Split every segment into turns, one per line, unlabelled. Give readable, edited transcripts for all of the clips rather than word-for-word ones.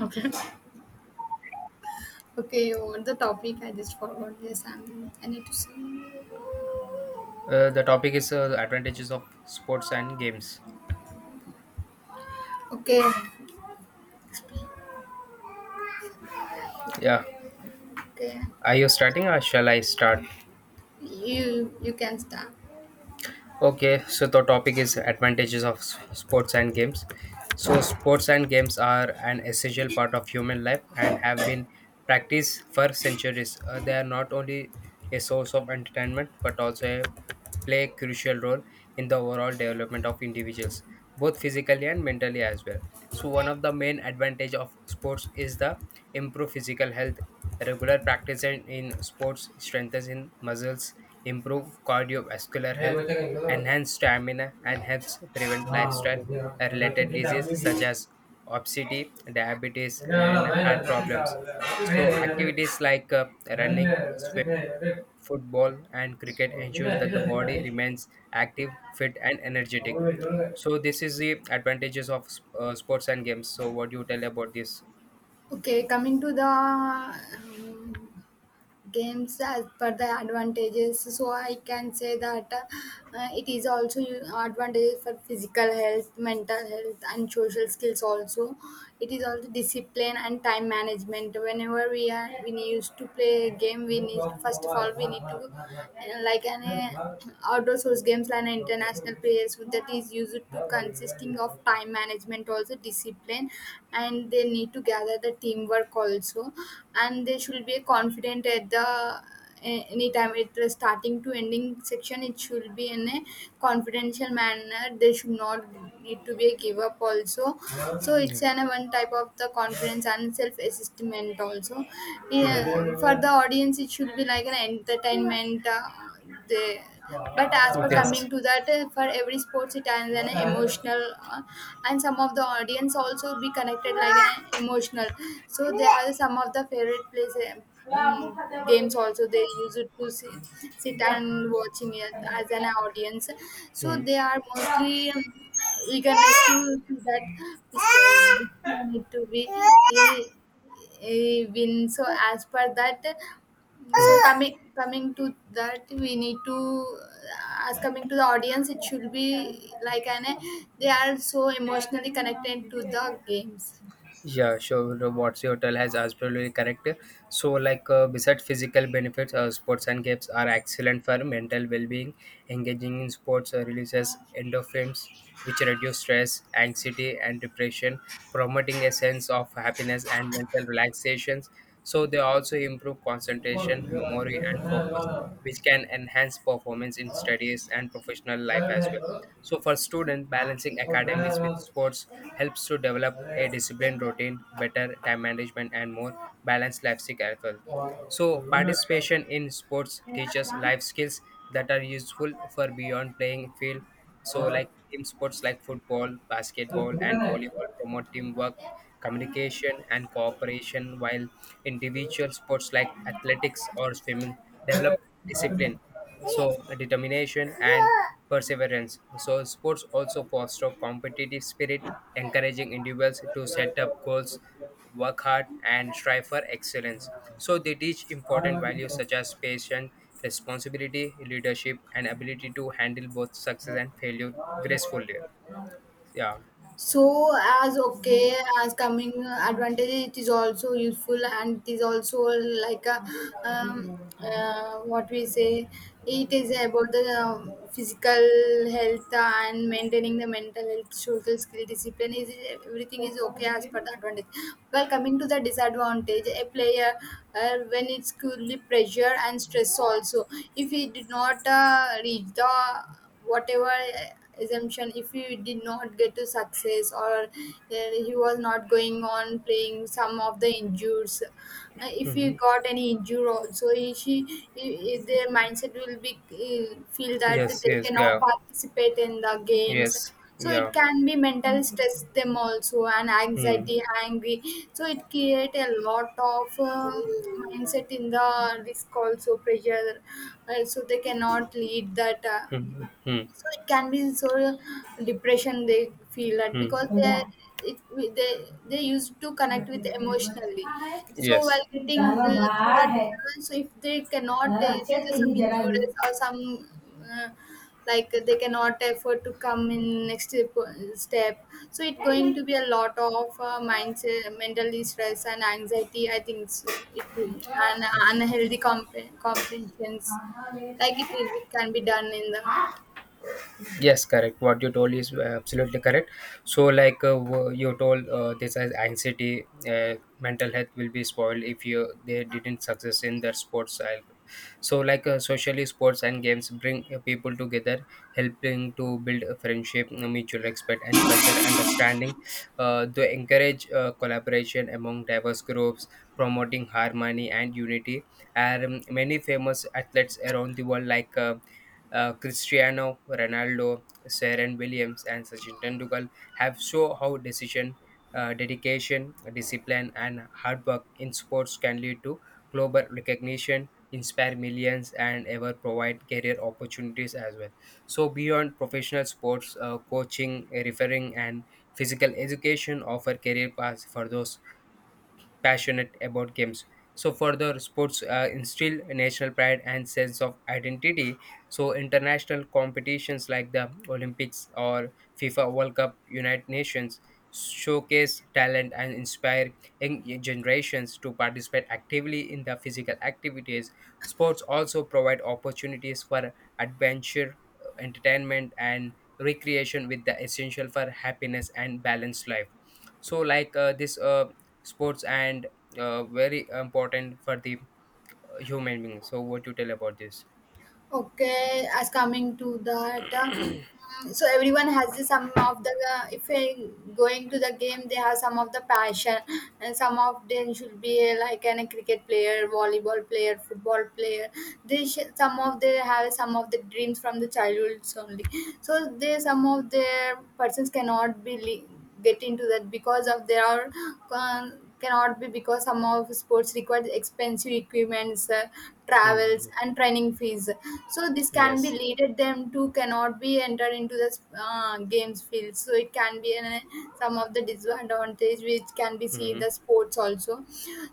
Okay. Okay, you want the topic? I just forgot. Yes, I need to see. Okay, okay. You can start. நிறைய பேர்த்துக்கு இவ்வளோ இருக்கு. ஆ, இது ஒரு லட்சம் கிட்ட அமுங்கி. இதனால மேல மேல That's it. That's it. நடு. ஓ, சீதா, Oh, நீ. அவங்களுக்கு சொல்லுங்க. Okay, coming to the um, games as per the advantages, so I can say that it is also advantages for physical health, mental health, and social skills also. It is also discipline and time management. Whenever we used to play a game, we need, first of all, we need to like an outdoor source games like an international players, so that is used to consisting of time management also, discipline, and they need to gather the teamwork also, and they should be confident at the any time. Anytime it is starting to ending section, it should be in a confidential manner. They should not need to be a give up also. So it's an one type of the confidence and self assessment also. Yeah, for the audience it should be like an entertainment, they, but as per coming to that, for every sports it has an emotional, uh, and some of the audience also be connected like an emotional. So they have some of the favorite plays, mm, games also, they use it to see, sit and watching it as an audience. So they are mostly eagerness to see that which
嗯
they need to be win. So as per that, so coming to that, we need to, as coming to the audience, it should be like an, they are so emotionally connected to the games. I, so as okay, as coming advantage, it is also useful, and it is also like a um, what we say. It is about the physical health and maintaining the mental health, social skill, discipline. Is everything is okay as per the advantage. Well, coming to the disadvantage, a player, when it's purely pressure and stress also. If he did not reach the whatever assumption, if he did not get to success, or he was not going on playing some of the injures, if he got any injury also, he, she he- their mindset will be feel that they cannot participate in the games. So it can be mental stress them also, and anxiety, angry. So it create a lot of mindset in the risk also, pressure, so they cannot lead that, so it can be so, depression, they feel that because they it they they used to connect with emotionally. So while getting through the disorder, so if they cannot, due to some injuries or some, uh, like they cannot afford to come in next step. So it's going to be a lot of mindset, mentally stress and anxiety. I think it's- it will and unhealthy compensations, like it can be done in that. Okay, as coming to that, so everyone has the some of the, if they going to the game, they have some of the passion, and some of them should be like an, a cricket player, volleyball player, football player. They some of they have some of the dreams from the childhoods only. So they some of their persons cannot be. Get into that because of there are cannot be, because some of sports require expensive equipments, travels and training fees. So this can be leaded them to cannot be entered into the games field. So it can be an, some of the disadvantage which can be seen in the sports also.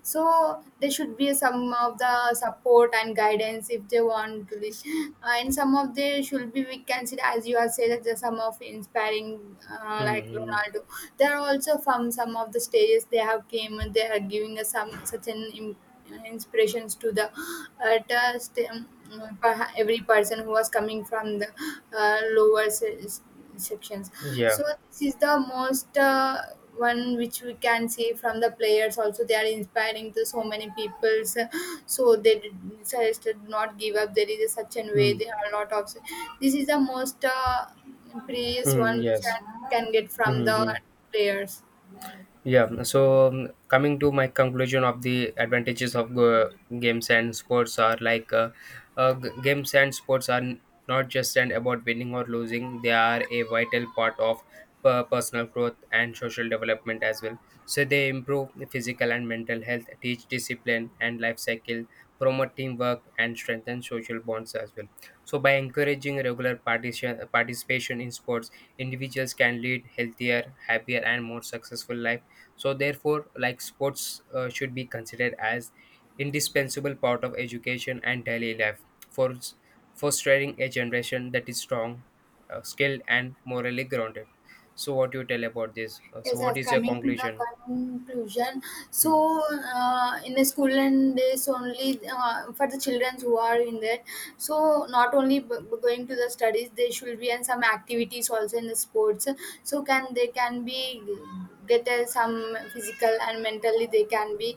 So they should be some of the support and guidance if they want to be. And some of they should be, we can consider, as you have said that there's some of inspiring, like Ronaldo. They are also from some of the stages they have came, and they are giving us some such an inspirations to the at, every person who was coming from the lower receptions. So this is the most one which we can see from the players. Also, they are inspiring to so many people. So they suggested not give up. There is a such an way. There are a lot of. This is the most previous one which I can get from the players. Yes, I as coming to the conclusion, so in the school and days only, for the children who are in there, so not only going to the studies, they should be in some activities also in the sports. So can they can be get some physical and mentally, they can be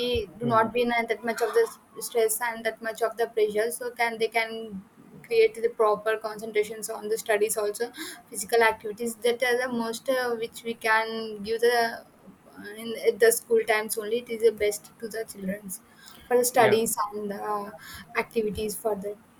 do not be in that much of the stress and that much of the pressure. So can they can create the proper concentrations on the studies also, physical activities, that are the most which we can give the in at the school times only. It is the best to the childrens for the studies and the activities for that.